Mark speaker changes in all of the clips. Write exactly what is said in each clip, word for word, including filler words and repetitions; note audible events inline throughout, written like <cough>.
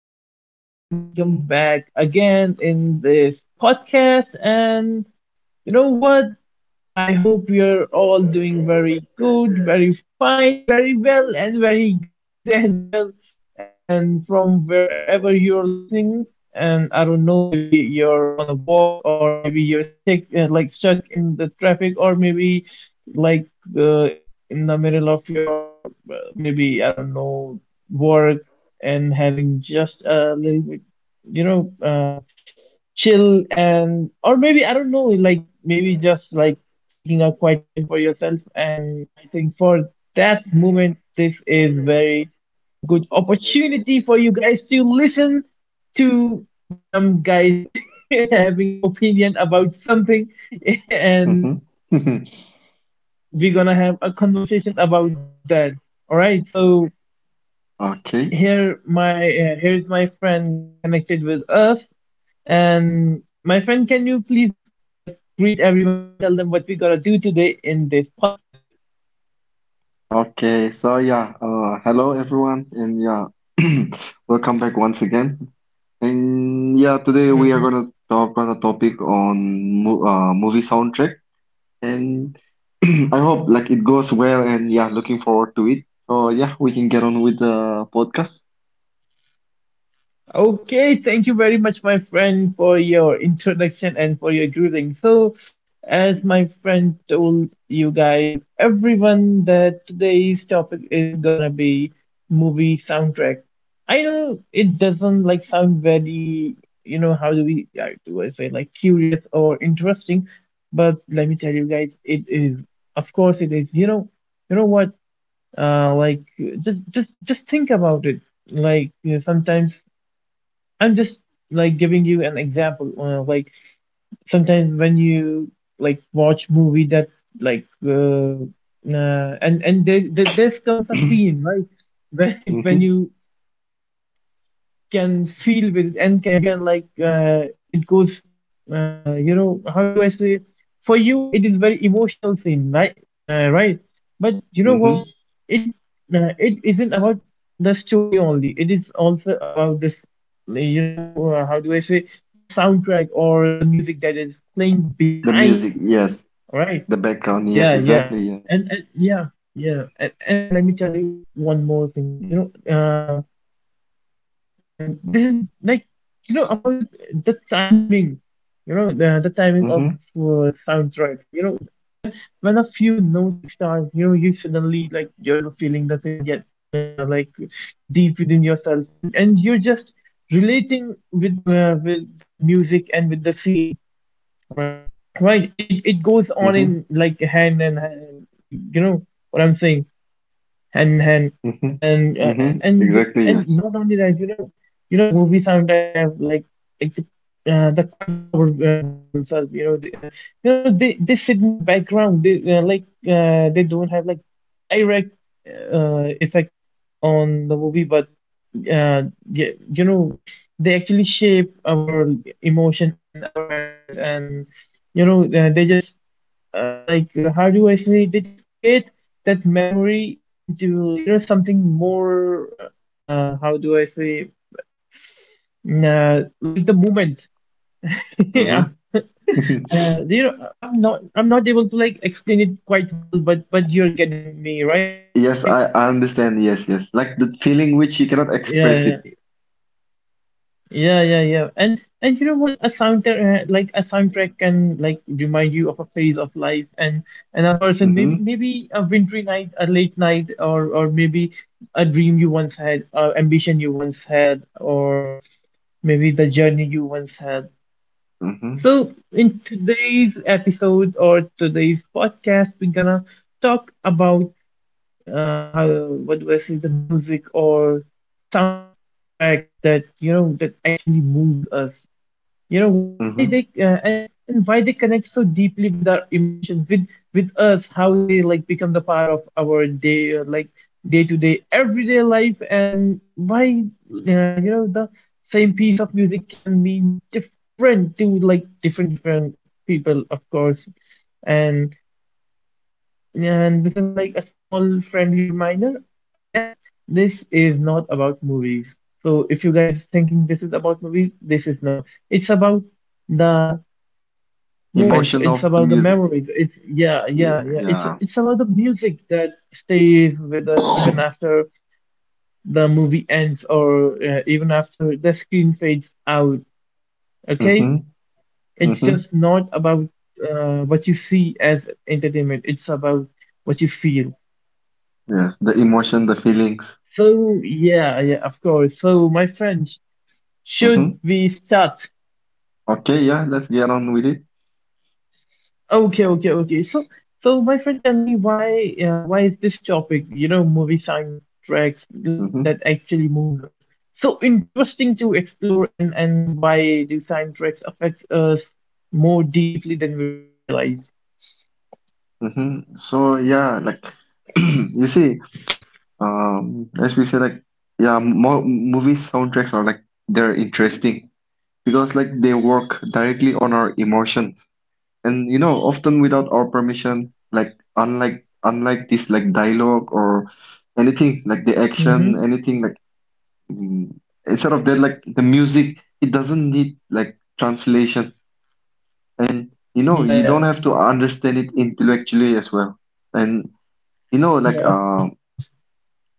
Speaker 1: hello everyone, and welcome back again in this podcast. And you know what? I hope you're all doing very good, very fine, very well, and very <laughs> great as well. And from wherever you're listening, and I don't know, maybe you're on a walk, or maybe you're stuck, uh, like stuck in the traffic, or maybe like uh, in the middle of your uh, maybe I don't know work, and having just a little bit you know. uh, chill. And or maybe I don't know, like maybe just like taking a quiet moment for yourself. And I think for that moment, this is very good opportunity for you guys to listen to dumb guys <laughs> having opinion about something, <laughs> and
Speaker 2: Mm-hmm.
Speaker 1: we're gonna have a conversation about that. All right, so
Speaker 2: <laughs> Okay.
Speaker 1: here my uh, here's my friend connected with us. And my friend, can you please like greet everyone and tell them what we gotta do today in this podcast?
Speaker 2: Okay. So yeah. Uh, hello everyone, and yeah, <clears throat> welcome back once again. And yeah, today we are gonna talk on a topic on mo uh, movie soundtrack, and <clears throat> I hope like it goes well. And yeah, looking forward to it. So yeah, we can get on with the podcast.
Speaker 1: Okay, thank you very much, my friend, for your introduction and for your greeting. So, as my friend told you guys, everyone, that today's topic is gonna be movie soundtrack. I know it doesn't like sound very, you know, how do we, uh, do I say, like curious or interesting, but let me tell you guys, it is. Of course, it is. You know, you know what? Uh, like just just just think about it. Like you know, sometimes I'm just like giving you an example. Uh, like sometimes when you like watch movie that like uh, uh, and and there, there, this comes a
Speaker 2: <clears throat>
Speaker 1: scene, right? <laughs> when when
Speaker 2: Mm-hmm.
Speaker 1: you can feel with, and can uh, you can like uh, it goes uh, you know, how do I say it? For you it is very emotional scene, right? Uh, right, but you know
Speaker 2: Mm-hmm.
Speaker 1: what? it uh, it isn't about the story only, it is also about this, you know, uh, how do I say, the soundtrack or the music that is playing
Speaker 2: The
Speaker 1: behind it,
Speaker 2: music, yes.
Speaker 1: right?
Speaker 2: The background,
Speaker 1: Yeah,
Speaker 2: yes.
Speaker 1: yeah.
Speaker 2: Exactly. Yeah.
Speaker 1: And, and yeah. Yeah. And, and let me tell you one more thing, you know. uh, um, this is like, you know, about the the timing, you know, the, the timing of
Speaker 2: Mm-hmm.
Speaker 1: uh, soundtrack. You know, when when a few notes start, you know, you suddenly like you're not feeling the thing yet, uh, like deep within yourself, and and you're just relating with uh, with that music and with the scene. Right, right. It it goes on in
Speaker 2: Mm-hmm.
Speaker 1: like hand and hand. You know what I'm saying? and and
Speaker 2: Mm-hmm.
Speaker 1: and uh, and
Speaker 2: Mm-hmm.
Speaker 1: and you-
Speaker 2: Exactly.
Speaker 1: and
Speaker 2: Yeah.
Speaker 1: not only that, you know, you know, movie soundtrack have like like the, uh, the quiet power uh, with themselves. You know they, uh, you know, they they sit in the background, they uh, like uh, they don't have like direct uh, effect on the movie, but uh, yeah, you know, they actually shape our emotion and our memories, and you know, uh, they just uh, like uh, how do I say, they just create that memory into, you know, something more, uh, uh, how do I say, mm, uh, like the moment. <laughs>
Speaker 2: Mm-hmm.
Speaker 1: Yeah,
Speaker 2: <laughs>
Speaker 1: uh, you know, I'm not I'm not able to like explain it quite well, but but you're getting me, right?
Speaker 2: Yes, I, I understand. Yes, yes. Like the feeling which you
Speaker 1: Yeah,
Speaker 2: cannot
Speaker 1: yeah.
Speaker 2: express it.
Speaker 1: Yeah, yeah, yeah. And and you know what? A soundtrack, uh, like a soundtrack, can like remind you of a phase of life, and and a person. Maybe
Speaker 2: Mm-hmm.
Speaker 1: maybe a wintry night, a late night, or or maybe a dream you once had, or ambition you once had, or maybe the journey you once had.
Speaker 2: Mm-hmm.
Speaker 1: So in today's episode or today's podcast, we're gonna talk about uh how, what do I say, the music or soundtracks that, you know, that actually moves us. You know, why why
Speaker 2: Mm-hmm.
Speaker 1: they uh, and and why they connect so deeply with our emotions, with with us, how they like become the part of our day, uh, like day to day everyday life, and why uh, you know, the same piece of music can mean different to like different different people, of course. And this is like a small friendly reminder. Again, this is not about movies. So if you guys thinking this is about movies, this is not. It's about the moments.
Speaker 2: Emotion
Speaker 1: It's
Speaker 2: of the
Speaker 1: about the
Speaker 2: music.
Speaker 1: memories. It's yeah,
Speaker 2: Yeah.
Speaker 1: yeah, yeah. It's
Speaker 2: Yeah.
Speaker 1: it's about the music that stays with us even after the movie ends, or uh, even after the screen fades out. Okay?
Speaker 2: Mm-hmm.
Speaker 1: It's just
Speaker 2: Mm-hmm.
Speaker 1: not about uh, what you see as entertainment. It's about what you feel.
Speaker 2: Yes, the emotion, the feelings.
Speaker 1: So yeah, yeah, of course. So my friend, sh- should
Speaker 2: Mm-hmm.
Speaker 1: we start?
Speaker 2: Okay, yeah, let's get on with it.
Speaker 1: Okay, okay, okay. So so my friend, tell me why, uh, why is this topic, you know, movie soundtracks like
Speaker 2: Mm-hmm.
Speaker 1: that actually moves us, so interesting to explore, and and why do soundtracks affect us more deeply than we realize?
Speaker 2: Mm-hmm. So yeah, like <clears throat> you see, um, as we say, like yeah, mo movie soundtracks are like they're interesting because like they work directly on our emotions, and you know often without our permission, like unlike unlike this like dialogue or anything like the action
Speaker 1: Mm-hmm.
Speaker 2: anything like mm, instead of that like the music, it doesn't need like translation. And you
Speaker 1: Yeah,
Speaker 2: know you
Speaker 1: yeah,
Speaker 2: don't have to understand it intellectually as well. And you know
Speaker 1: yeah.
Speaker 2: like
Speaker 1: Of course,
Speaker 2: uh,
Speaker 1: of course.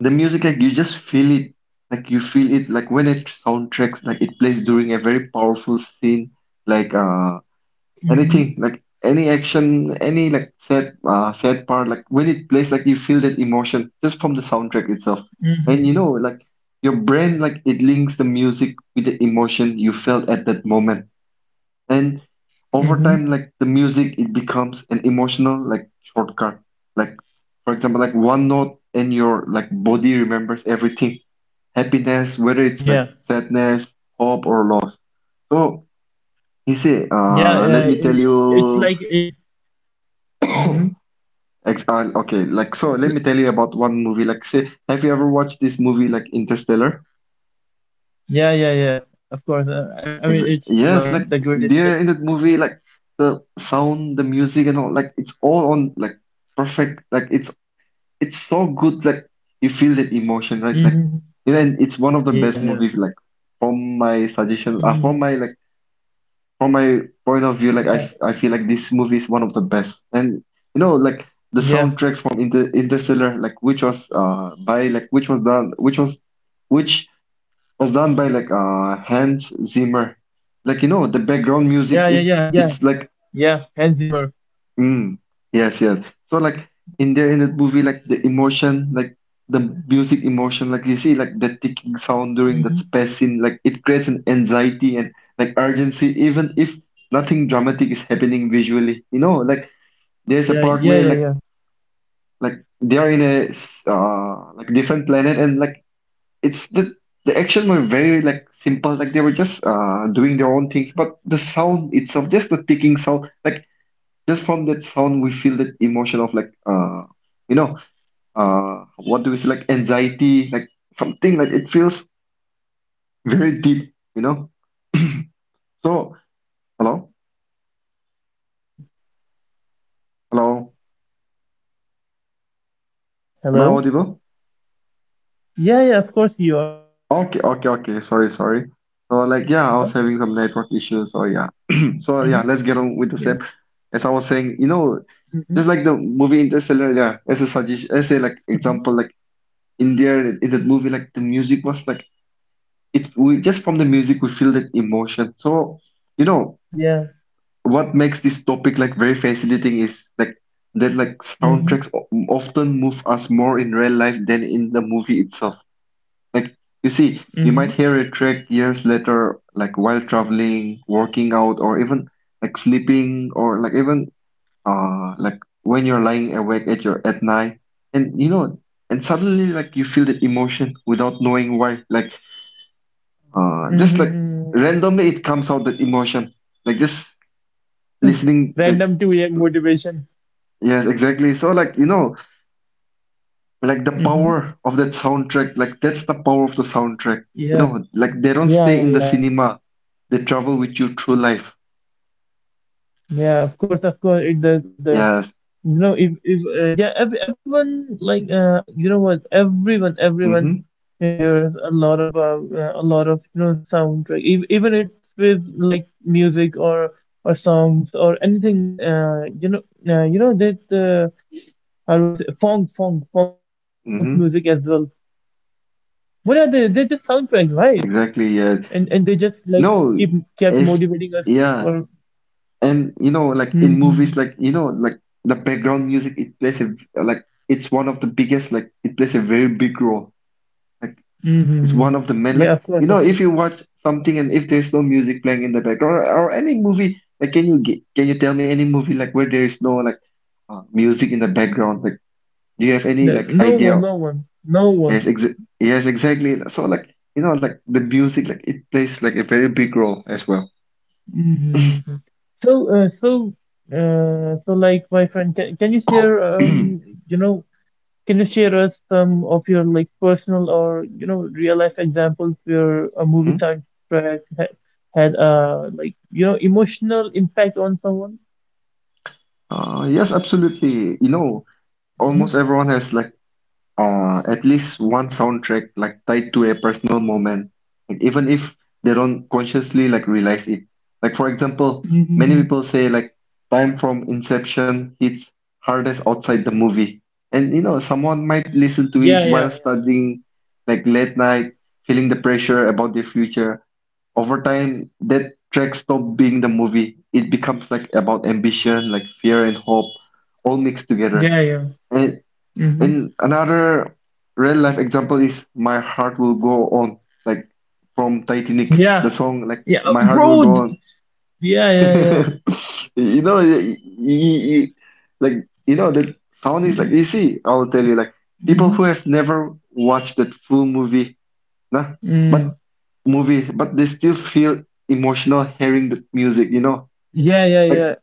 Speaker 2: the music, like you just feel it. Like you feel it like when it soundtracks like it plays during a very powerful scene, like uh
Speaker 1: Mm-hmm.
Speaker 2: anything like any action, any like sad uh, sad part, like when it plays, like you feel that emotion just from the soundtrack itself. And you
Speaker 1: Mm-hmm.
Speaker 2: know, like your
Speaker 1: Yeah, yeah.
Speaker 2: brain, like it links the music with the emotion you felt at that moment. And over
Speaker 1: Mm-hmm.
Speaker 2: time, like the music, it becomes an emotional like shortcut. Like for example, like one note and your like body remembers everything. Happiness, whether it's like
Speaker 1: Yeah,
Speaker 2: sadness, hope or loss. So you see,
Speaker 1: yeah.
Speaker 2: uh, let
Speaker 1: Uh,
Speaker 2: me tell
Speaker 1: it, it's
Speaker 2: you.
Speaker 1: like it. Mm-hmm.
Speaker 2: Ex uh, Okay, like so let me tell you about one movie. Like say have you ever watched this movie like Interstellar?
Speaker 1: Yeah, yeah, yeah. Of course. Uh, I, I
Speaker 2: Ex
Speaker 1: mean, it's
Speaker 2: Yes,
Speaker 1: like
Speaker 2: like
Speaker 1: the greatest shit.
Speaker 2: there in that movie, like the sound, the music and all, like it's all on like perfect, like it's it's so good, like you feel that emotion,
Speaker 1: <laughs>
Speaker 2: right? Like
Speaker 1: Hmm.
Speaker 2: you know, and it's one of the best
Speaker 1: Yeah, yeah.
Speaker 2: movies like from my suggestion, uh, from my
Speaker 1: Hmm.
Speaker 2: like from my point of view, like I,
Speaker 1: Yeah,
Speaker 2: f- I feel like this movie is one of the best. And you know, like the
Speaker 1: yeah,
Speaker 2: soundtracks from Inter Interstellar, like which was uh by like which was done which was which was done by like uh Hans Zimmer. Like you know, the background music
Speaker 1: yeah, yeah,
Speaker 2: is
Speaker 1: yeah, yeah,
Speaker 2: it's like
Speaker 1: yeah. Hans Zimmer.
Speaker 2: Mm, yes, yes. So like in there in that movie, like the emotion, like the music emotion, like you see like the ticking sound during that
Speaker 1: Hmm.
Speaker 2: space scene, like it creates an anxiety and like urgency, even if nothing dramatic is happening visually. You know, like there's a
Speaker 1: Yeah,
Speaker 2: part
Speaker 1: yeah,
Speaker 2: where
Speaker 1: yeah,
Speaker 2: like
Speaker 1: yeah.
Speaker 2: like they are in a s- uh like different planet and like it's the the action were very like simple, like they were just uh doing their own things, but the sound itself, just the ticking sound. Like. Just from that sound, we feel that emotion of like, uh, you know, uh, what do we say, like anxiety, like something like it feels very deep, you know. <clears throat> So, hello,
Speaker 1: Yeah, of course, of course I do.
Speaker 2: hello,
Speaker 1: Yeah.
Speaker 2: am I
Speaker 1: Hello.
Speaker 2: audible?
Speaker 1: Yeah, yeah. Of course you are.
Speaker 2: Okay, okay, okay. Sorry, sorry. So, like, yeah, I
Speaker 1: Hmm.
Speaker 2: was having some network
Speaker 1: Yeah.
Speaker 2: issues. So, yeah. <clears throat> So, yeah, let's get on with the
Speaker 1: Hmm.
Speaker 2: same.
Speaker 1: Hmm.
Speaker 2: As I was saying, you know, just like the movie Interstellar, yeah,
Speaker 1: <laughs>
Speaker 2: as a suggestion, as a like example, like in there in that movie, like the music was like it's we just from the music we feel that emotion. So you know
Speaker 1: Yeah.
Speaker 2: what makes this topic like very fascinating is like that like
Speaker 1: Hmm.
Speaker 2: soundtracks o- often move us more in real life than in the movie itself. Like you see you might
Speaker 1: Hmm.
Speaker 2: hear a track years later like while traveling, working out, or even like sleeping or like even uh like when you're lying awake at your at night. And you know and suddenly like you feel that emotion without knowing why, like uh, just like
Speaker 1: Hmm.
Speaker 2: randomly it comes out that emotion, like just listening
Speaker 1: <laughs>
Speaker 2: the
Speaker 1: Random two a motivation.
Speaker 2: yes, exactly. So like you know, like the
Speaker 1: Hmm.
Speaker 2: power of that soundtrack, like that's the power of the soundtrack. You
Speaker 1: Yeah.
Speaker 2: know, like they don't
Speaker 1: Yeah,
Speaker 2: stay in
Speaker 1: yeah,
Speaker 2: the
Speaker 1: yeah.
Speaker 2: cinema, they travel with you through life.
Speaker 1: Yeah, of course, of course. It does, it does.
Speaker 2: Yes.
Speaker 1: No, if if uh, yeah, ev everyone, like, uh, you know what? Everyone, everyone
Speaker 2: Mm-hmm.
Speaker 1: hears a lot about uh, a lot of, you know, soundtrack. Ev Even it's with like music or or songs or anything. Uh, you know, uh, you know that uh, how do I say, funk, funk, funk music as well.
Speaker 2: Mm-hmm.
Speaker 1: What are they? They're just soundtracks, right?
Speaker 2: Exactly.
Speaker 1: And
Speaker 2: Yes.
Speaker 1: and they just like keep
Speaker 2: No,
Speaker 1: kept
Speaker 2: it's
Speaker 1: motivating us
Speaker 2: yeah,
Speaker 1: for.
Speaker 2: and you know, like in movies,
Speaker 1: Hmm.
Speaker 2: like you know, like the background music, it plays a like it's one of the biggest, like it plays a very big role. It's one of
Speaker 1: Hmm.
Speaker 2: the main, like,
Speaker 1: Yeah, of
Speaker 2: you know,
Speaker 1: course,
Speaker 2: if
Speaker 1: of
Speaker 2: you
Speaker 1: course.
Speaker 2: watch something and if there's no music playing in the background, or, or any movie, like, can you get, can you tell me any movie like where there is no like uh, music in the background? Like, do you have any like
Speaker 1: No, no
Speaker 2: idea?
Speaker 1: one, no one, no
Speaker 2: Yes, ex
Speaker 1: one.
Speaker 2: yes, exactly. So like, you know, like the music, like it plays like a very big role as well. <clears throat>
Speaker 1: Mm-hmm. So, uh, so, uh, so, like, my friend, can, can you share, um, you know, can you share us some of your like personal or you know real life examples where a
Speaker 2: Hmm?
Speaker 1: movie soundtrack ha had uh like, you know, emotional impact on someone?
Speaker 2: Uh, yes, absolutely. You know, like
Speaker 1: Mm-hmm.
Speaker 2: almost everyone has like uh, at least one soundtrack like tied to a personal moment, like even if they don't consciously like realize it. Like for example,
Speaker 1: Mm-hmm.
Speaker 2: many people say like time from inception hits hardest outside the movie, and you know someone might listen to
Speaker 1: Yeah,
Speaker 2: it
Speaker 1: yeah,
Speaker 2: while studying, like late night, feeling the pressure about their future. Over time, that track stopped being the movie. It becomes like about ambition, like fear and hope, all mixed
Speaker 1: yeah, yeah.
Speaker 2: together.
Speaker 1: Yeah.
Speaker 2: And
Speaker 1: Mm-hmm.
Speaker 2: and another real life example is My Heart Will Go On, like from Titanic,
Speaker 1: Yeah,
Speaker 2: the song like
Speaker 1: yeah, uh,
Speaker 2: My Heart Will
Speaker 1: bro.
Speaker 2: Go
Speaker 1: th-
Speaker 2: On.
Speaker 1: Yeah, yeah, yeah.
Speaker 2: <laughs> You know, y- y- y- like you know the sound is like you see, I'll tell you like people who
Speaker 1: Mm-hmm.
Speaker 2: have never watched that full movie, nah,
Speaker 1: Mm.
Speaker 2: but movie, but they still feel emotional hearing the music. You know,
Speaker 1: Yeah, yeah,
Speaker 2: like
Speaker 1: yeah.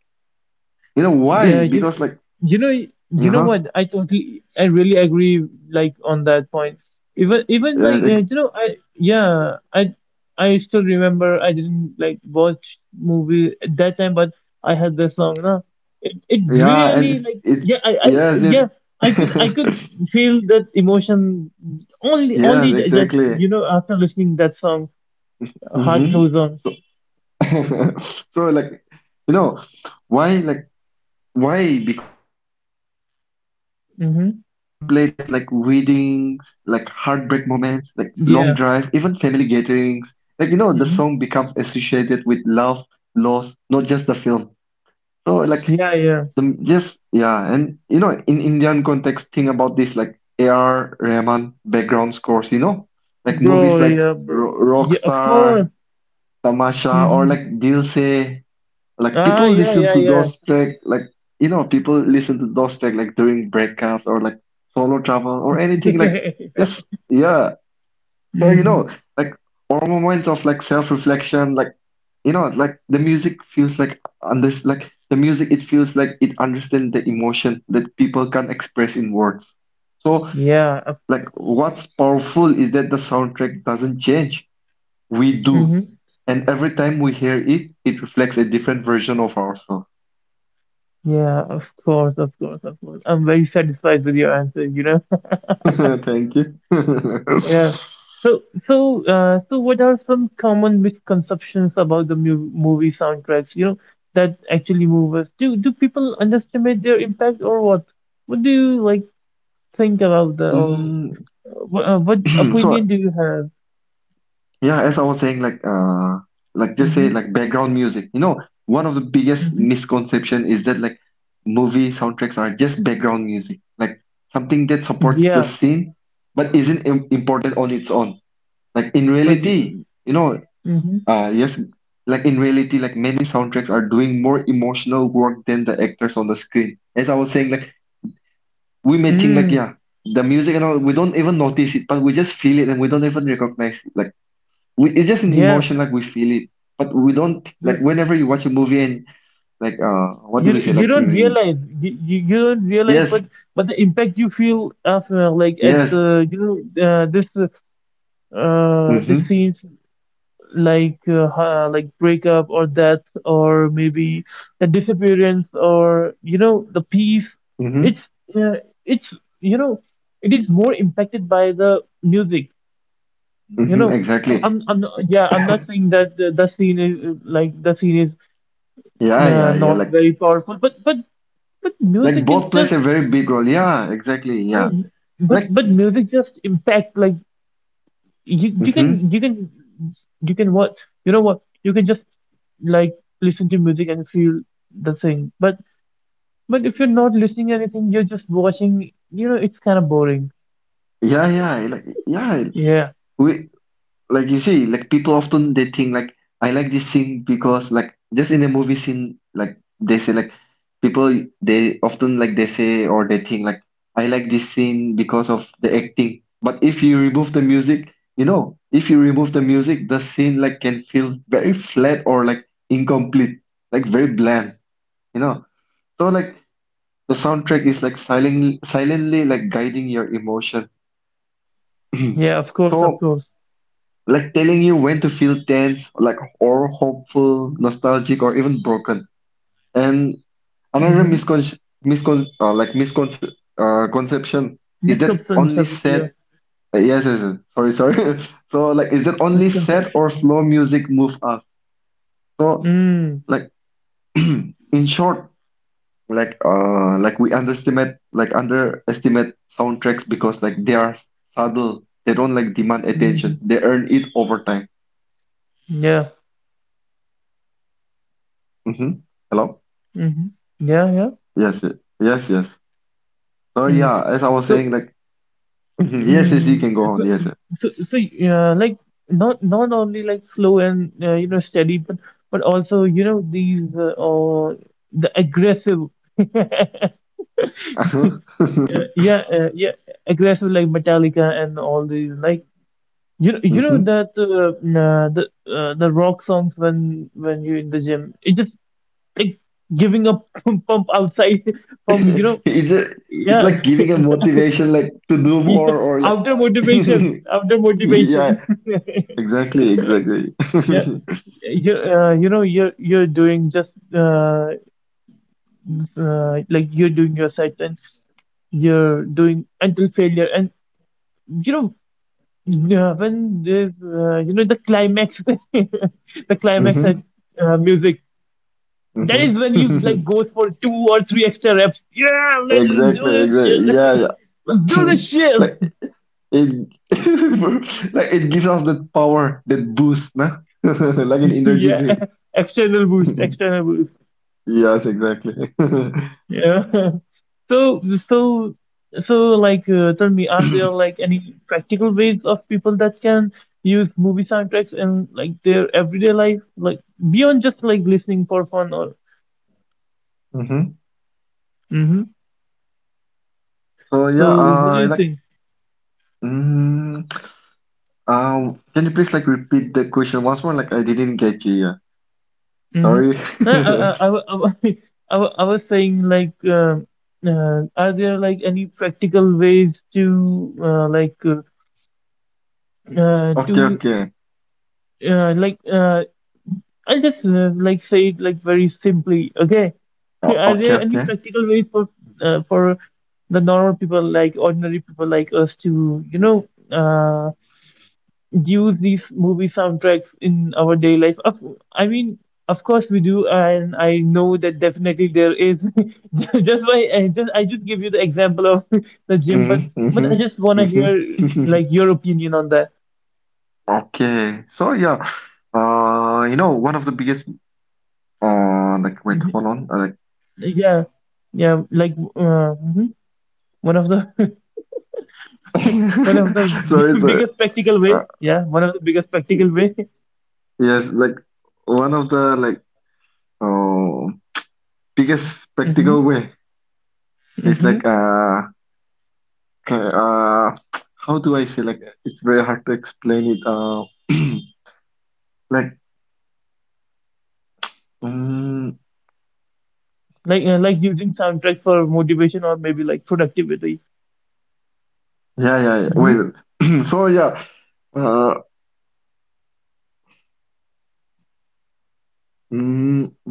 Speaker 2: you know
Speaker 1: Yeah,
Speaker 2: why?
Speaker 1: you,
Speaker 2: Because like
Speaker 1: you know, you know
Speaker 2: uh-huh,
Speaker 1: what? I totally, I really agree, like on that point. Even, even
Speaker 2: uh,
Speaker 1: like,
Speaker 2: like
Speaker 1: uh, you know, I, yeah, I, I still remember I didn't like watch movie at that time, but I had this song, no? It, it
Speaker 2: yeah,
Speaker 1: really
Speaker 2: and
Speaker 1: like,
Speaker 2: it it
Speaker 1: yeah, I, I,
Speaker 2: yes
Speaker 1: yeah, I could, I could
Speaker 2: it. <laughs>
Speaker 1: feel that emotion only,
Speaker 2: Yes,
Speaker 1: only ju- just,
Speaker 2: exactly.
Speaker 1: you know, after listening that song, Heart
Speaker 2: Hmm.
Speaker 1: Goes On.
Speaker 2: <laughs> So like, you know, why like why? Because you see, it's being played at like
Speaker 1: Mm-hmm.
Speaker 2: weddings, like heartbreak moments, like long drive, even
Speaker 1: Yeah.
Speaker 2: family gatherings. Like you know, the song
Speaker 1: Mm-hmm.
Speaker 2: becomes associated with love, loss, not just the film. So like
Speaker 1: Yeah, yeah.
Speaker 2: the just yeah, and you know, in Indian context, think about this like A R Rahman background scores. You know, like
Speaker 1: Bro,
Speaker 2: movies like
Speaker 1: yeah, bro,
Speaker 2: Ro
Speaker 1: bro. Yeah, of course.
Speaker 2: Rockstar. Tamasha or
Speaker 1: Hmm.
Speaker 2: like Gilse. Like
Speaker 1: Ah,
Speaker 2: people
Speaker 1: yeah,
Speaker 2: listen
Speaker 1: yeah,
Speaker 2: to
Speaker 1: yeah.
Speaker 2: those track like you know people listen to those track like during breakups or like solo travel or anything like
Speaker 1: <laughs>
Speaker 2: just yeah. So you
Speaker 1: Hmm.
Speaker 2: know like or moments of like self-reflection, like you know like the music feels like under like the music it feels like it understands the emotion that people can't express in words. So
Speaker 1: Yeah, of,
Speaker 2: like what's powerful is that the soundtrack doesn't change. We do.
Speaker 1: hmm.
Speaker 2: And every time we hear it, it reflects a different version of ourselves.
Speaker 1: Yeah, of course, of course, of course. I'm very satisfied with your answer, you know? <laughs>
Speaker 2: <laughs> Thank you.
Speaker 1: Yeah.
Speaker 2: <laughs>
Speaker 1: So, so, uh, so what are some common misconceptions about the mu movie soundtracks, you know, that actually move us? Do do people underestimate their impact, or what? What do you like think about the, or
Speaker 2: Mm,
Speaker 1: uh, what, uh, what
Speaker 2: <clears throat> so
Speaker 1: opinion do you have?
Speaker 2: yeah, as I was saying, like uh like just say
Speaker 1: Mm-hmm.
Speaker 2: like background music. You know, one of the biggest misconception is that like movie soundtracks are just background music, like something that
Speaker 1: Mm-hmm.
Speaker 2: supports the scene but isn't im important on its own. Like in
Speaker 1: But
Speaker 2: reality,
Speaker 1: you,
Speaker 2: you know,
Speaker 1: hmm.
Speaker 2: Uh, yes, like in reality, like many soundtracks are doing more emotional work than the actors on the screen. As I was saying, like we may think like
Speaker 1: Mm,
Speaker 2: yeah, the music and all, we don't even notice it, but we just feel it and we don't even recognize it. Like we, it's just an
Speaker 1: yeah,
Speaker 2: emotion, like we feel it, but we don't
Speaker 1: yeah.
Speaker 2: like whenever you watch a movie and like uh, what do
Speaker 1: You
Speaker 2: we say?
Speaker 1: you
Speaker 2: Like
Speaker 1: don't
Speaker 2: mm,
Speaker 1: realize, you, you you don't realize, but
Speaker 2: yes,
Speaker 1: but the impact you feel after, like at
Speaker 2: yes,
Speaker 1: the, you know, uh, this uh this
Speaker 2: mm-hmm,
Speaker 1: scenes like, uh, ha- like, breakup or death, or maybe the disappearance or, you know, the peace.
Speaker 2: mm-hmm,
Speaker 1: It's uh, it's, you know, it is more impacted by the music. You
Speaker 2: mm-hmm,
Speaker 1: know, I'm
Speaker 2: exactly,
Speaker 1: I'm, I'm not, yeah, I'm not saying that the, the scene is uh, like the scene is
Speaker 2: yeah,
Speaker 1: uh,
Speaker 2: yeah, yeah.
Speaker 1: not
Speaker 2: Like
Speaker 1: very powerful, but but but
Speaker 2: like
Speaker 1: music is
Speaker 2: both plays
Speaker 1: just,
Speaker 2: a very big role. Yeah, exactly, yeah.
Speaker 1: but
Speaker 2: Like
Speaker 1: but music just impact like, you you can
Speaker 2: mm-hmm,
Speaker 1: you can, you can what, you know what, you can just like listen to music and feel the thing, but but if you're not listening anything, you're just watching, you know, it's kind of boring.
Speaker 2: yeah, yeah, like yeah.
Speaker 1: Yeah,
Speaker 2: We. Like you see like people often they think like I like this scene because like just in a movie scene like they say like people they often like they say or they think like I like this scene because of the acting but if you remove the music, you know if you remove the music the scene like can feel very flat or like incomplete, like very bland, you know. So like the soundtrack is like silently silently like guiding your emotion.
Speaker 1: yeah, of
Speaker 2: <clears throat>
Speaker 1: course, of
Speaker 2: So
Speaker 1: course.
Speaker 2: like telling you when to feel tense, like or hopeful, nostalgic, or even broken. And another
Speaker 1: Mm-hmm.
Speaker 2: miscon miscon uh, like misconception uh, conception is that only
Speaker 1: Misconception, yeah.
Speaker 2: sad. Uh, yes, yes, yes. Sorry, sorry. <laughs> So like, is that only sad
Speaker 1: Misconception.
Speaker 2: or slow music move us? So
Speaker 1: Mm.
Speaker 2: like, <clears throat> in short, like uh, like we underestimate like underestimate soundtracks because like they are subtle. They don't like demand attention.
Speaker 1: Mm-hmm.
Speaker 2: They earn it over time.
Speaker 1: Yeah.
Speaker 2: Hmm. Hello.
Speaker 1: Mm-hmm. Yeah, yeah.
Speaker 2: Yes, y- yes, yes. So
Speaker 1: Mm.
Speaker 2: yeah, as I was
Speaker 1: So,
Speaker 2: saying, like <laughs> yes, yes, you
Speaker 1: mm,
Speaker 2: can go
Speaker 1: so,
Speaker 2: on. Yes.
Speaker 1: so, so, uh, like not not only like slow and, uh, you know, steady, but but also, you know, these uh, or the aggressive, <laughs> uh,
Speaker 2: Hmm.
Speaker 1: yeah, uh, yeah, aggressive like Metallica and all these, like, you know, you know
Speaker 2: <laughs>
Speaker 1: that, uh, nah, the uh, the rock songs, when when you're in the gym, it's just like giving a <laughs> pump, pump outside
Speaker 2: <laughs>
Speaker 1: from, you know.
Speaker 2: It's a, it's
Speaker 1: Yeah.
Speaker 2: like giving a motivation, like to
Speaker 1: <laughs>
Speaker 2: do
Speaker 1: Yeah,
Speaker 2: more, or like
Speaker 1: outer motivation,
Speaker 2: <laughs>
Speaker 1: outer motivation.
Speaker 2: yeah,
Speaker 1: <laughs>
Speaker 2: exactly, exactly.
Speaker 1: Yeah.
Speaker 2: <laughs>
Speaker 1: you, uh, you know you're you're doing just uh, uh, like you're doing your site, and you're doing until failure. And you know uh, When there's uh, you know the climax, <laughs> the climax at
Speaker 2: Hmm.
Speaker 1: uh, music, that is when
Speaker 2: Hmm.
Speaker 1: you like
Speaker 2: <laughs>
Speaker 1: goes for two or three extra reps. Yeah, let's do
Speaker 2: Exactly,
Speaker 1: this
Speaker 2: exactly. Yeah,
Speaker 1: shit. <laughs>
Speaker 2: yeah.
Speaker 1: let's do this
Speaker 2: <laughs>
Speaker 1: shit.
Speaker 2: Like it, <laughs> like it gives us that power, that boost, nah? <laughs> Like an
Speaker 1: <laughs>
Speaker 2: energy
Speaker 1: yeah,
Speaker 2: drink.
Speaker 1: external boost,
Speaker 2: <laughs>
Speaker 1: external boost.
Speaker 2: Yes, exactly. <laughs>
Speaker 1: Yeah. <laughs> So, so, so, like, uh, tell me, are there like any practical ways of people that can use movie soundtracks in like their everyday life, like beyond just like listening for fun, or?
Speaker 2: Mm-hmm.
Speaker 1: Mm-hmm.
Speaker 2: So yeah,
Speaker 1: So, what do
Speaker 2: uh,
Speaker 1: you
Speaker 2: like,
Speaker 1: think?
Speaker 2: mm, uh, can you please like repeat the question once more? Like I didn't get you. Yeah.
Speaker 1: Mm-hmm.
Speaker 2: Sorry.
Speaker 1: I,
Speaker 2: <laughs>
Speaker 1: I, I, wa- I, wa- <laughs> I, wa- I was saying like, uh, uh, are there like any practical ways to uh, like uh, uh,
Speaker 2: Okay,
Speaker 1: to
Speaker 2: okay.
Speaker 1: uh, like uh,, I'll just uh, like say it like very simply. Okay, so
Speaker 2: O-
Speaker 1: are
Speaker 2: okay,
Speaker 1: there any
Speaker 2: okay.
Speaker 1: practical ways for, uh, for the normal people, like ordinary people like us, to you know uh, use these movie soundtracks in our day life? Of, I mean, of course we do, and I know that definitely there is. <laughs> just by, I just, I just give you the example of <laughs> the gym, but
Speaker 2: Mm-hmm,
Speaker 1: but
Speaker 2: mm-hmm,
Speaker 1: I just wanna hear
Speaker 2: mm-hmm.
Speaker 1: like your opinion on that.
Speaker 2: <laughs> Okay. So yeah, uh, you know, one of the biggest, uh, like wait,
Speaker 1: Mhm.
Speaker 2: hold on, uh, like,
Speaker 1: Yeah, yeah, like uh, mhm. one of the <laughs> one of the
Speaker 2: <laughs> sorry,
Speaker 1: <laughs>
Speaker 2: sorry.
Speaker 1: biggest practical way.
Speaker 2: Uh,
Speaker 1: Yeah, one of the biggest practical way. <laughs>
Speaker 2: yes, like one of the like, uh, biggest spectacle
Speaker 1: hmm.
Speaker 2: way is like
Speaker 1: Hmm.
Speaker 2: uh. Okay, uh, how do I say? Like, it's very hard to explain it. Uh, <clears throat> like, mm,
Speaker 1: Like uh, like using soundtrack for motivation, or maybe like productivity.
Speaker 2: yeah, yeah, yeah.
Speaker 1: Hmm.
Speaker 2: Wait, <clears throat> so yeah. Uh, mm,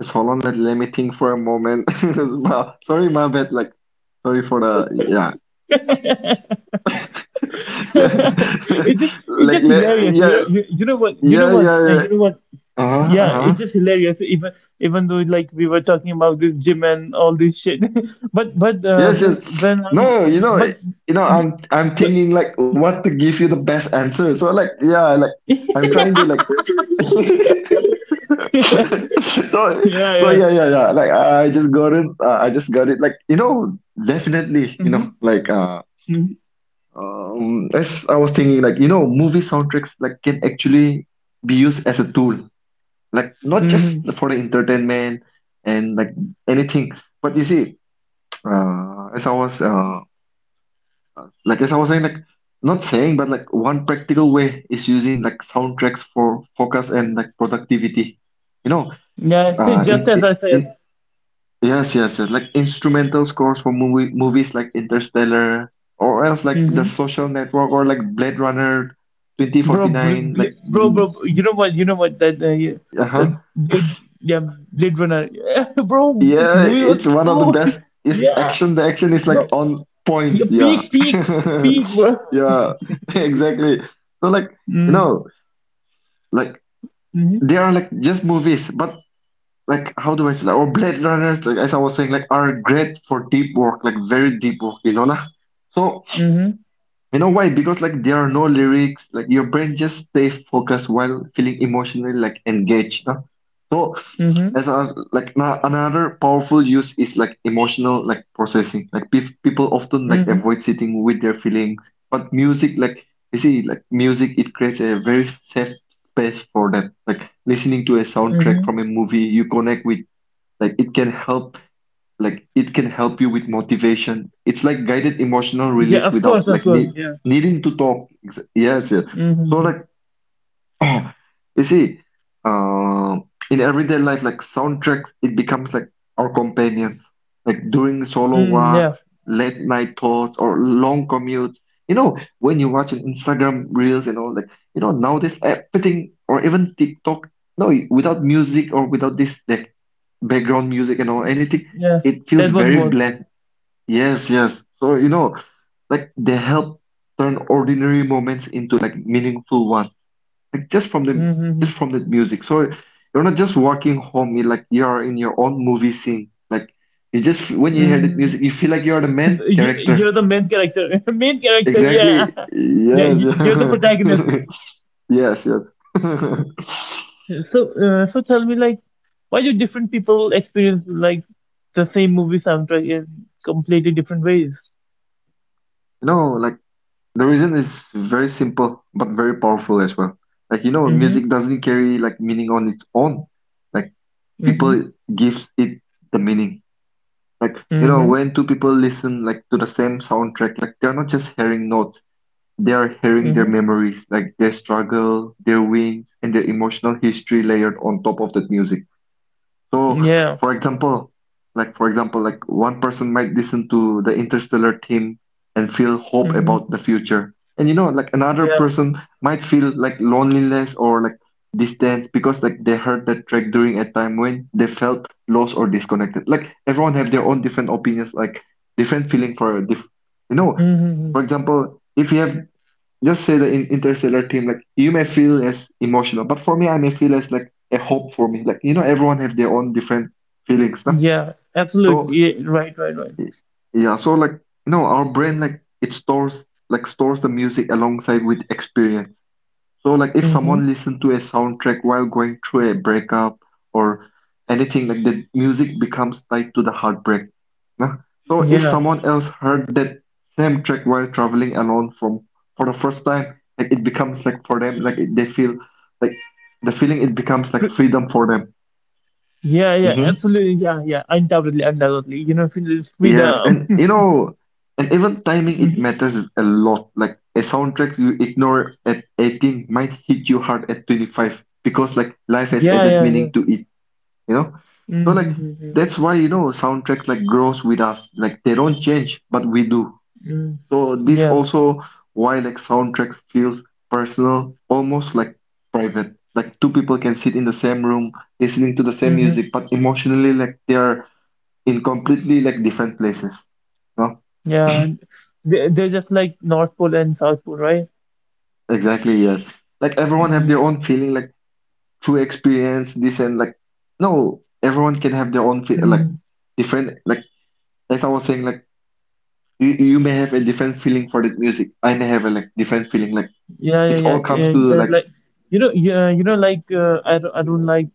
Speaker 2: just hold on. Let, let me think for a moment. <laughs> Ma- sorry, my bad. Like, sorry for the yeah.
Speaker 1: <laughs> it's just,
Speaker 2: <laughs>
Speaker 1: it's
Speaker 2: like,
Speaker 1: just
Speaker 2: le-
Speaker 1: hilarious, you know.
Speaker 2: yeah,
Speaker 1: you, you know what you know
Speaker 2: yeah,
Speaker 1: what
Speaker 2: yeah,
Speaker 1: uh,
Speaker 2: yeah.
Speaker 1: you know what?
Speaker 2: Uh-huh,
Speaker 1: Yeah,
Speaker 2: uh-huh.
Speaker 1: it's just hilarious, even even though like we were talking about this gym and all this shit, <laughs> but but uh,
Speaker 2: Yes,
Speaker 1: when
Speaker 2: yes.
Speaker 1: when i'm
Speaker 2: No, you know,
Speaker 1: but
Speaker 2: you know, I'm I'm
Speaker 1: but
Speaker 2: thinking like what to give you the best answer. So like, yeah, like I'm trying to like. <laughs>
Speaker 1: <laughs>
Speaker 2: <laughs>
Speaker 1: yeah,
Speaker 2: so so
Speaker 1: yeah.
Speaker 2: yeah, yeah, yeah, like I I just got it, uh, I just got it, like you know definitely, you know
Speaker 1: Hmm,
Speaker 2: like, uh
Speaker 1: hmm,
Speaker 2: um as I was thinking, like, you know, movie soundtracks like can actually be used as a tool, like not just
Speaker 1: hmm.
Speaker 2: for the entertainment and like anything, but you see <tsk> uh as I was uh like as I was saying, like not saying, but like one practical way is using like soundtracks for focus and like productivity, you know
Speaker 1: Yeah, <laughs>
Speaker 2: uh
Speaker 1: just
Speaker 2: in,
Speaker 1: as I said.
Speaker 2: in Yes, yes, yes. Like instrumental scores for movie movies like Interstellar or else like The Social Network or like Blade Runner
Speaker 1: bro, bl-
Speaker 2: twenty forty-nine, like
Speaker 1: bl- bro,
Speaker 2: mm,
Speaker 1: bro, bro, you know what, you know what, that, uh, yeah, that
Speaker 2: uh-huh.
Speaker 1: Blade, yeah, Blade Runner, yeah, <laughs> bro, this
Speaker 2: Yeah,
Speaker 1: movie
Speaker 2: it's
Speaker 1: was
Speaker 2: one of the
Speaker 1: so,
Speaker 2: best
Speaker 1: <laughs>
Speaker 2: is
Speaker 1: yeah,
Speaker 2: action. The action is like
Speaker 1: bro,
Speaker 2: on point.
Speaker 1: yeah,
Speaker 2: Yeah.
Speaker 1: peak, peak,
Speaker 2: <laughs>
Speaker 1: peak, bro.
Speaker 2: Yeah, <laughs> exactly. So like, you
Speaker 1: Mm,
Speaker 2: know, like
Speaker 1: mm-hmm,
Speaker 2: they are like just movies, but like how do I say that? Or Blade Runners, like as I was saying, like are great for deep work, like very deep work, you know lah. So,
Speaker 1: mm-hmm,
Speaker 2: you know why? Because like there are no lyrics, like your brain just stay focused while feeling emotionally like engaged. No? So
Speaker 1: mm-hmm,
Speaker 2: as a, like na- another powerful use is like emotional like processing. Like pe people often like
Speaker 1: mm-hmm,
Speaker 2: avoid sitting with their feelings, but music like you see like music it creates a very safe space for that. Like listening to a soundtrack
Speaker 1: mm-hmm.
Speaker 2: from a movie you connect with, like it can help like it can help you with motivation. It's like guided emotional
Speaker 1: Yeah,
Speaker 2: release
Speaker 1: of course,
Speaker 2: without
Speaker 1: of
Speaker 2: like
Speaker 1: course,
Speaker 2: need,
Speaker 1: yeah.
Speaker 2: needing to talk. Ex- yes, yes.
Speaker 1: Mm-hmm,
Speaker 2: So
Speaker 1: mm-hmm,
Speaker 2: like <clears throat> you see, uh, in everyday life like soundtracks it becomes like our companions, like during solo
Speaker 1: mm, yeah,
Speaker 2: walks, late night thoughts, or long commutes. You know when you watch an instagram reels and all, like you know nowadays everything, or even tiktok, no, without music or without this like background music and all anything,
Speaker 1: yeah,
Speaker 2: it feels
Speaker 1: that won't
Speaker 2: very
Speaker 1: work.
Speaker 2: bland. Yes, yes. So you know like they help turn ordinary moments into like meaningful ones, like just from the
Speaker 1: Mm-hmm.
Speaker 2: just from the music. So you're not just walking home, you're like you're in your own movie scene. Like you just when you hear the
Speaker 1: Mm-hmm.
Speaker 2: music, you feel like you're the
Speaker 1: <laughs>
Speaker 2: main character.
Speaker 1: You're the main character. <laughs> main character, yeah.
Speaker 2: Exactly,
Speaker 1: <laughs> Yeah,
Speaker 2: yes.
Speaker 1: y- you're the protagonist.
Speaker 2: <laughs> Yes, yes. <laughs>
Speaker 1: So, uh, so tell me, like, why do different people experience like the same movie soundtrack in completely different ways?
Speaker 2: No, like, the reason is very simple, but very powerful as well. Like, you know, music
Speaker 1: Mm-hmm,
Speaker 2: doesn't carry like meaning on its own. Like people
Speaker 1: mm-hmm,
Speaker 2: gives it the meaning. Like, you know,
Speaker 1: mm-hmm,
Speaker 2: when two people listen like to the same soundtrack, like they're not just hearing notes, they are hearing their
Speaker 1: mm-hmm.
Speaker 2: memories, like their struggle, their wins, and their emotional history layered on top of that music. So,
Speaker 1: Yeah,
Speaker 2: for example, like for example, like one person might listen to the Interstellar theme and feel hope
Speaker 1: mm-hmm,
Speaker 2: about the future. And you know, like another
Speaker 1: yeah,
Speaker 2: person might feel like loneliness or like distance because like they heard that track during a time when they felt lost or disconnected. Like everyone have their own different opinions, like different feeling for a diff you know,
Speaker 1: mm-hmm,
Speaker 2: for example, if you have just say the in- interstellar team, like you may feel as emotional, but for me I may feel as like a hope for me. Like you know everyone have their own different feelings, no?
Speaker 1: yeah,
Speaker 2: So
Speaker 1: absolutely, yeah, right, right, right.
Speaker 2: y- yeah, so like you know our brain, like it stores like stores the music alongside with experience. So like if someone
Speaker 1: Mm-hmm.
Speaker 2: listen to a soundtrack while going through a breakup or anything like that, music becomes tied to the heartbreak. Nah? So if
Speaker 1: Yeah,
Speaker 2: someone else heard that same track while traveling alone from for the first time, like it becomes like for them, like it, they feel like the feeling it becomes like
Speaker 1: Tr-
Speaker 2: freedom for them.
Speaker 1: yeah, yeah, absolutely, yeah, yeah, undoubtedly, undoubtedly. You know, freedom is
Speaker 2: Yes,
Speaker 1: freedom.
Speaker 2: and you
Speaker 1: <laughs>
Speaker 2: know, and even timing it
Speaker 1: Mm-hmm.
Speaker 2: matters a lot. Like a soundtrack you ignore at eighteen might hit you hard at twenty-five, because like life has
Speaker 1: Yeah,
Speaker 2: added
Speaker 1: yeah, yeah,
Speaker 2: meaning to it, you know? So like
Speaker 1: mm-hmm,
Speaker 2: that's why you know soundtracks like grows with us. Like they don't change, but we do.
Speaker 1: mm,
Speaker 2: So this
Speaker 1: yeah,
Speaker 2: also why like soundtracks feels personal, almost like private. Like two people can sit in the same room listening to the same
Speaker 1: mm-hmm,
Speaker 2: music, but emotionally like they are in completely like different places.
Speaker 1: yeah. And They- they're just like North Pole and South Pole, right?
Speaker 2: Exactly, yes. Like everyone have their own
Speaker 1: Mm,
Speaker 2: feeling, like true experience, this and like no, everyone can have their own feel, like
Speaker 1: mm,
Speaker 2: different. Like as I was saying, like you you may have a different feeling for that music. I may have a like different feeling. Like
Speaker 1: yeah, yeah,
Speaker 2: it
Speaker 1: yeah,
Speaker 2: all comes
Speaker 1: yeah,
Speaker 2: to
Speaker 1: yeah.
Speaker 2: like.
Speaker 1: Like you know, yeah, you know, like uh, I don't, I don't like,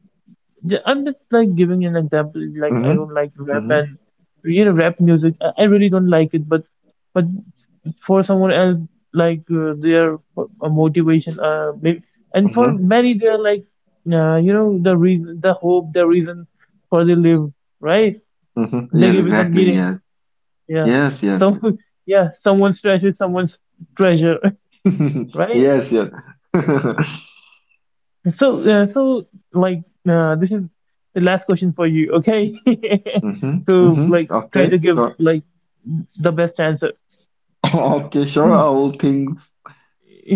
Speaker 1: yeah, I'm just like giving an example. Like I
Speaker 2: Mm-hmm,
Speaker 1: don't like rap,
Speaker 2: mm-hmm,
Speaker 1: and you know, rap music. I, I really don't like it. But but for someone else, like uh, their for- a motivation. Uh, maybe, and for
Speaker 2: mm-hmm,
Speaker 1: many, they're like, uh, you know, the reason, the hope, the reason for they live. Right?
Speaker 2: mm-hmm.
Speaker 1: They
Speaker 2: Yes,
Speaker 1: give it a
Speaker 2: exactly.
Speaker 1: meaning.
Speaker 2: Yes,
Speaker 1: Yeah.
Speaker 2: yes,
Speaker 1: So,
Speaker 2: yes,
Speaker 1: <laughs> yeah, someone's treasure, someone's treasure. <laughs>
Speaker 2: <laughs>
Speaker 1: Right?
Speaker 2: yes, yes. <laughs>
Speaker 1: So, uh, so like, uh, this is the last question for you, okay? <laughs>
Speaker 2: Mm-hmm,
Speaker 1: So,
Speaker 2: mm-hmm.
Speaker 1: like, try to
Speaker 2: Okay,
Speaker 1: give
Speaker 2: sure.
Speaker 1: like the best answer.
Speaker 2: <laughs> <coughs> Okay, sure. I will think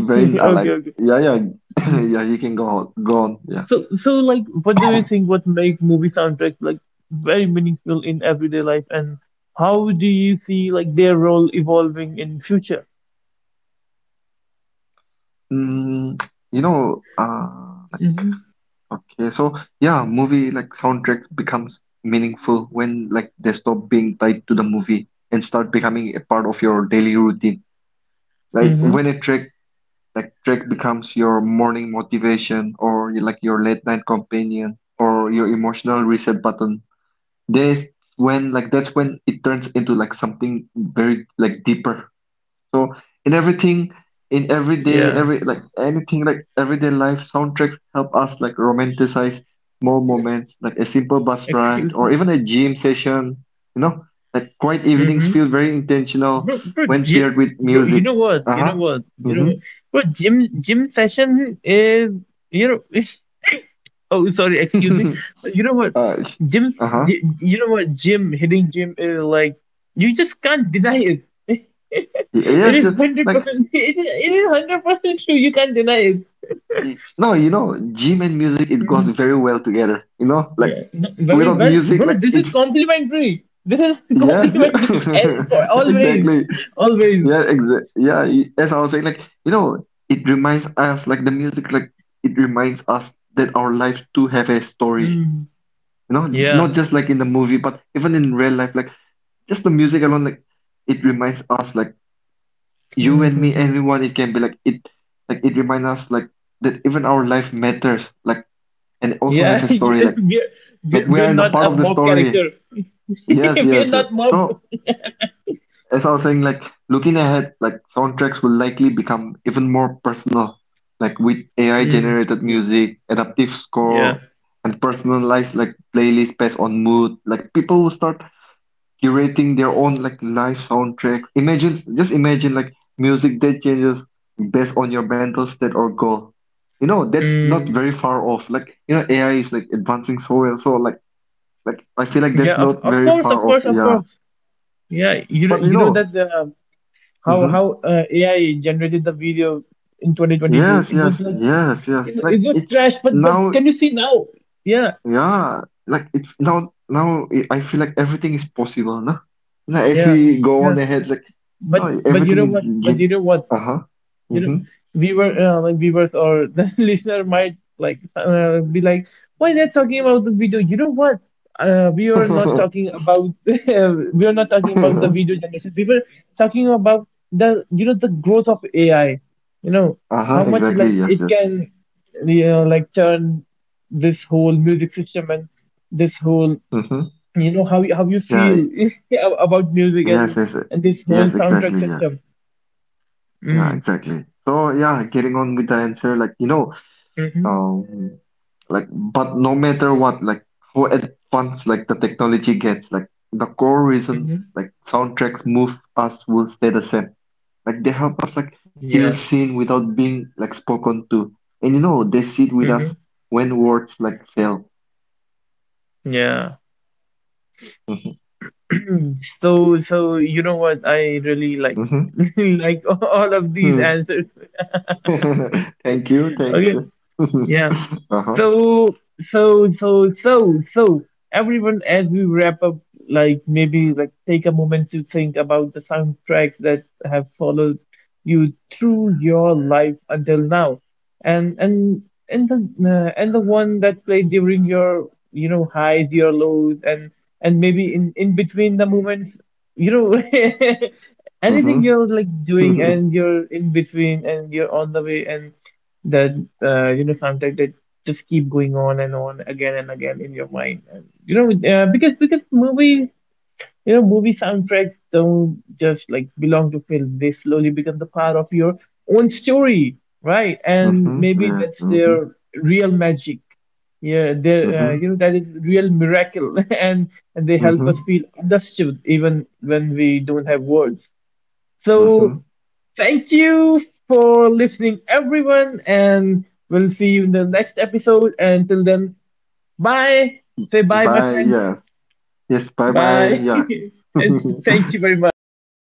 Speaker 2: very uh,
Speaker 1: Okay,
Speaker 2: like
Speaker 1: okay.
Speaker 2: yeah, yeah, <laughs>
Speaker 1: Mm.
Speaker 2: <coughs> yeah. You can go on, go on. Yeah.
Speaker 1: So, so like, what do you think? What make movie soundtracks like very meaningful in everyday life, and how do you see like their role evolving in future?
Speaker 2: Mm, you know, uh, like,
Speaker 1: Mm-hmm.
Speaker 2: okay, so yeah, movie like soundtracks becomes meaningful when like they stop being tied to the movie and start becoming a part of your daily routine. Like when
Speaker 1: Mm-hmm.
Speaker 2: a track like track becomes your morning motivation, or like your late night companion, or your emotional reset button. That's when like that's when it turns into like something very like deeper. So in everything, in everyday,
Speaker 1: Yeah.
Speaker 2: every like anything, like everyday life, soundtracks help us like romanticize small moments, like a simple bus ride
Speaker 1: Excuse.
Speaker 2: or even a gym session. You know, like quiet evenings feel very intentional
Speaker 1: Bro, bro,
Speaker 2: when
Speaker 1: gym,
Speaker 2: paired with
Speaker 1: bro, you
Speaker 2: music.
Speaker 1: know what? You know
Speaker 2: Uh-huh.
Speaker 1: what? You know what?
Speaker 2: Mm-hmm.
Speaker 1: Bro, gym, gym session is, you know, <laughs> oh, sorry, excuse
Speaker 2: <laughs>
Speaker 1: me. But you know what?
Speaker 2: uh, sh-
Speaker 1: Gym,
Speaker 2: uh-huh.
Speaker 1: gy- you know what? Gym, hitting gym is like, you just can't deny it. <laughs>
Speaker 2: Y-
Speaker 1: It
Speaker 2: Yes,
Speaker 1: is
Speaker 2: yes, like
Speaker 1: one hundred percent, <laughs> it is, it is one hundred percent true. You can't deny it.
Speaker 2: y- no, you know, gym and music it goes
Speaker 1: Mhm.
Speaker 2: very well together. You know, like
Speaker 1: Yeah, no, very
Speaker 2: without
Speaker 1: well,
Speaker 2: music,
Speaker 1: bro.
Speaker 2: like
Speaker 1: This is
Speaker 2: it.
Speaker 1: complimentary. This is <laughs>
Speaker 2: Yes, yeah.
Speaker 1: complimentary, eh, for
Speaker 2: <laughs>
Speaker 1: always,
Speaker 2: exactly.
Speaker 1: always.
Speaker 2: Yeah, exa yeah, y- as I was saying, like, you know, it reminds us, like, the music, like, it reminds us that our lives do have a story,
Speaker 1: Mm.
Speaker 2: you know, not
Speaker 1: Yeah.
Speaker 2: just like in the movie, but even in real life, like, just the music alone, like, it reminds us, like, you and me,
Speaker 1: <laughs>
Speaker 2: everyone, it can be like, it, like, it reminds us, like, that even our life matters, like, and also have
Speaker 1: Yeah,
Speaker 2: a
Speaker 1: <laughs>
Speaker 2: story, like,
Speaker 1: we're, we're
Speaker 2: like, we
Speaker 1: we're
Speaker 2: are in the
Speaker 1: not
Speaker 2: part
Speaker 1: a
Speaker 2: of the
Speaker 1: mob character.
Speaker 2: story.
Speaker 1: <laughs>
Speaker 2: Yes,
Speaker 1: We're
Speaker 2: yes, yes.
Speaker 1: not mob.
Speaker 2: So, as I was saying, like looking ahead, like soundtracks will likely become even more personal, like with A I
Speaker 1: Mm,
Speaker 2: generated
Speaker 1: yeah,
Speaker 2: music, adaptive
Speaker 1: yeah.
Speaker 2: score, and personalized like playlists based on mood. Like people will start curating their own like live soundtracks. Imagine, just imagine like music that changes based on your mental state or goal. You know, that's not
Speaker 1: Mm,
Speaker 2: very far off. Like, you know, A I is like advancing so well. So like like I feel like
Speaker 1: yeah,
Speaker 2: that's
Speaker 1: of,
Speaker 2: not
Speaker 1: of
Speaker 2: very
Speaker 1: course, of
Speaker 2: far off.
Speaker 1: course, of
Speaker 2: Yeah.
Speaker 1: course. Yeah, you know-
Speaker 2: But you
Speaker 1: you know
Speaker 2: know,
Speaker 1: that uh, how
Speaker 2: mhm.
Speaker 1: how uh, A I generated the video in twenty twenty-two.
Speaker 2: Yes,
Speaker 1: It was
Speaker 2: yes,
Speaker 1: like
Speaker 2: yes,
Speaker 1: it,
Speaker 2: yes. Like
Speaker 1: it was
Speaker 2: it's
Speaker 1: trash, but but
Speaker 2: now,
Speaker 1: can you see now? Yeah,
Speaker 2: yeah. Like it's now, now I I feel like everything is possible, no? Now as
Speaker 1: yeah,
Speaker 2: we go
Speaker 1: yeah.
Speaker 2: on ahead, like
Speaker 1: But
Speaker 2: no,
Speaker 1: but you
Speaker 2: everything
Speaker 1: know
Speaker 2: is
Speaker 1: what? But
Speaker 2: get.
Speaker 1: you know what?
Speaker 2: Uh-huh.
Speaker 1: You know viewer, uh, like viewers or the <laughs> listener might like uh, be like, why they're talking about the video? You know what, uh, we are not
Speaker 2: Mm-hmm.
Speaker 1: talking about, <laughs> we are not talking about the
Speaker 2: <laughs>
Speaker 1: video generation, we were talking about the, you know, the growth of AI, you know,
Speaker 2: Uh-huh.
Speaker 1: how much
Speaker 2: Exactly.
Speaker 1: like
Speaker 2: Yes.
Speaker 1: it
Speaker 2: Yes.
Speaker 1: can, you know, like turn this whole music system, and this whole,
Speaker 2: Mm-hmm.
Speaker 1: you know, how you, how you
Speaker 2: Yeah. e-
Speaker 1: feel <laughs> about music,
Speaker 2: Yes.
Speaker 1: and
Speaker 2: Yes. e-
Speaker 1: and this whole
Speaker 2: Yes.
Speaker 1: soundtrack
Speaker 2: Exactly. Yes.
Speaker 1: system.
Speaker 2: Yeah.
Speaker 1: Mm.
Speaker 2: Exactly. So yeah, getting on with the answer, like you know, um, like, but no matter what, like how advanced like the technology gets, like the core reason
Speaker 1: Hmm.
Speaker 2: like soundtracks move us will stay the same. Like they help us like
Speaker 1: Yeah.
Speaker 2: feel seen without being like spoken to, and you know they sit with
Speaker 1: Hmm.
Speaker 2: us when words like fail.
Speaker 1: Yeah. <clears throat> So, so you know what? I really like,
Speaker 2: Mm-hmm.
Speaker 1: <laughs> like, all of these
Speaker 2: <laughs>
Speaker 1: answers.
Speaker 2: Thank you, thank
Speaker 1: Okay.
Speaker 2: you. <laughs>
Speaker 1: Yeah.
Speaker 2: Uh-huh.
Speaker 1: So, so, so, so, so, everyone, as we wrap up, like maybe like take a moment to think about the soundtracks that have followed you through your life until now, and and and the, uh, and the one that played during your, you know, highs, your lows, and and maybe in in between the moments, you know, <laughs> anything
Speaker 2: Mm-hmm.
Speaker 1: you're like doing
Speaker 2: <laughs>
Speaker 1: and you're in between and you're on the way, and that, uh, you know, soundtrack that just keep going on and on again and again in your mind. And, you know, uh, because because movies, you know, movie soundtracks don't just like belong to film. They slowly become the part of your own story, right? And
Speaker 2: Mm-hmm.
Speaker 1: maybe
Speaker 2: Yes.
Speaker 1: that's
Speaker 2: Mm-hmm.
Speaker 1: their real magic. Yeah, they, uh,
Speaker 2: Mm-hmm.
Speaker 1: you know, that is real miracle, <laughs> and and they help
Speaker 2: Mm-hmm.
Speaker 1: us feel understood even when we don't have words. So
Speaker 2: Mm-hmm.
Speaker 1: thank you for listening, everyone, and we'll see you in the next episode. Until then, bye. Say bye, my
Speaker 2: Bye.
Speaker 1: friend.
Speaker 2: Yes. Yes. Bye. Bye.
Speaker 1: Bye,
Speaker 2: Yeah.
Speaker 1: <laughs> and
Speaker 2: <laughs>
Speaker 1: thank you very much.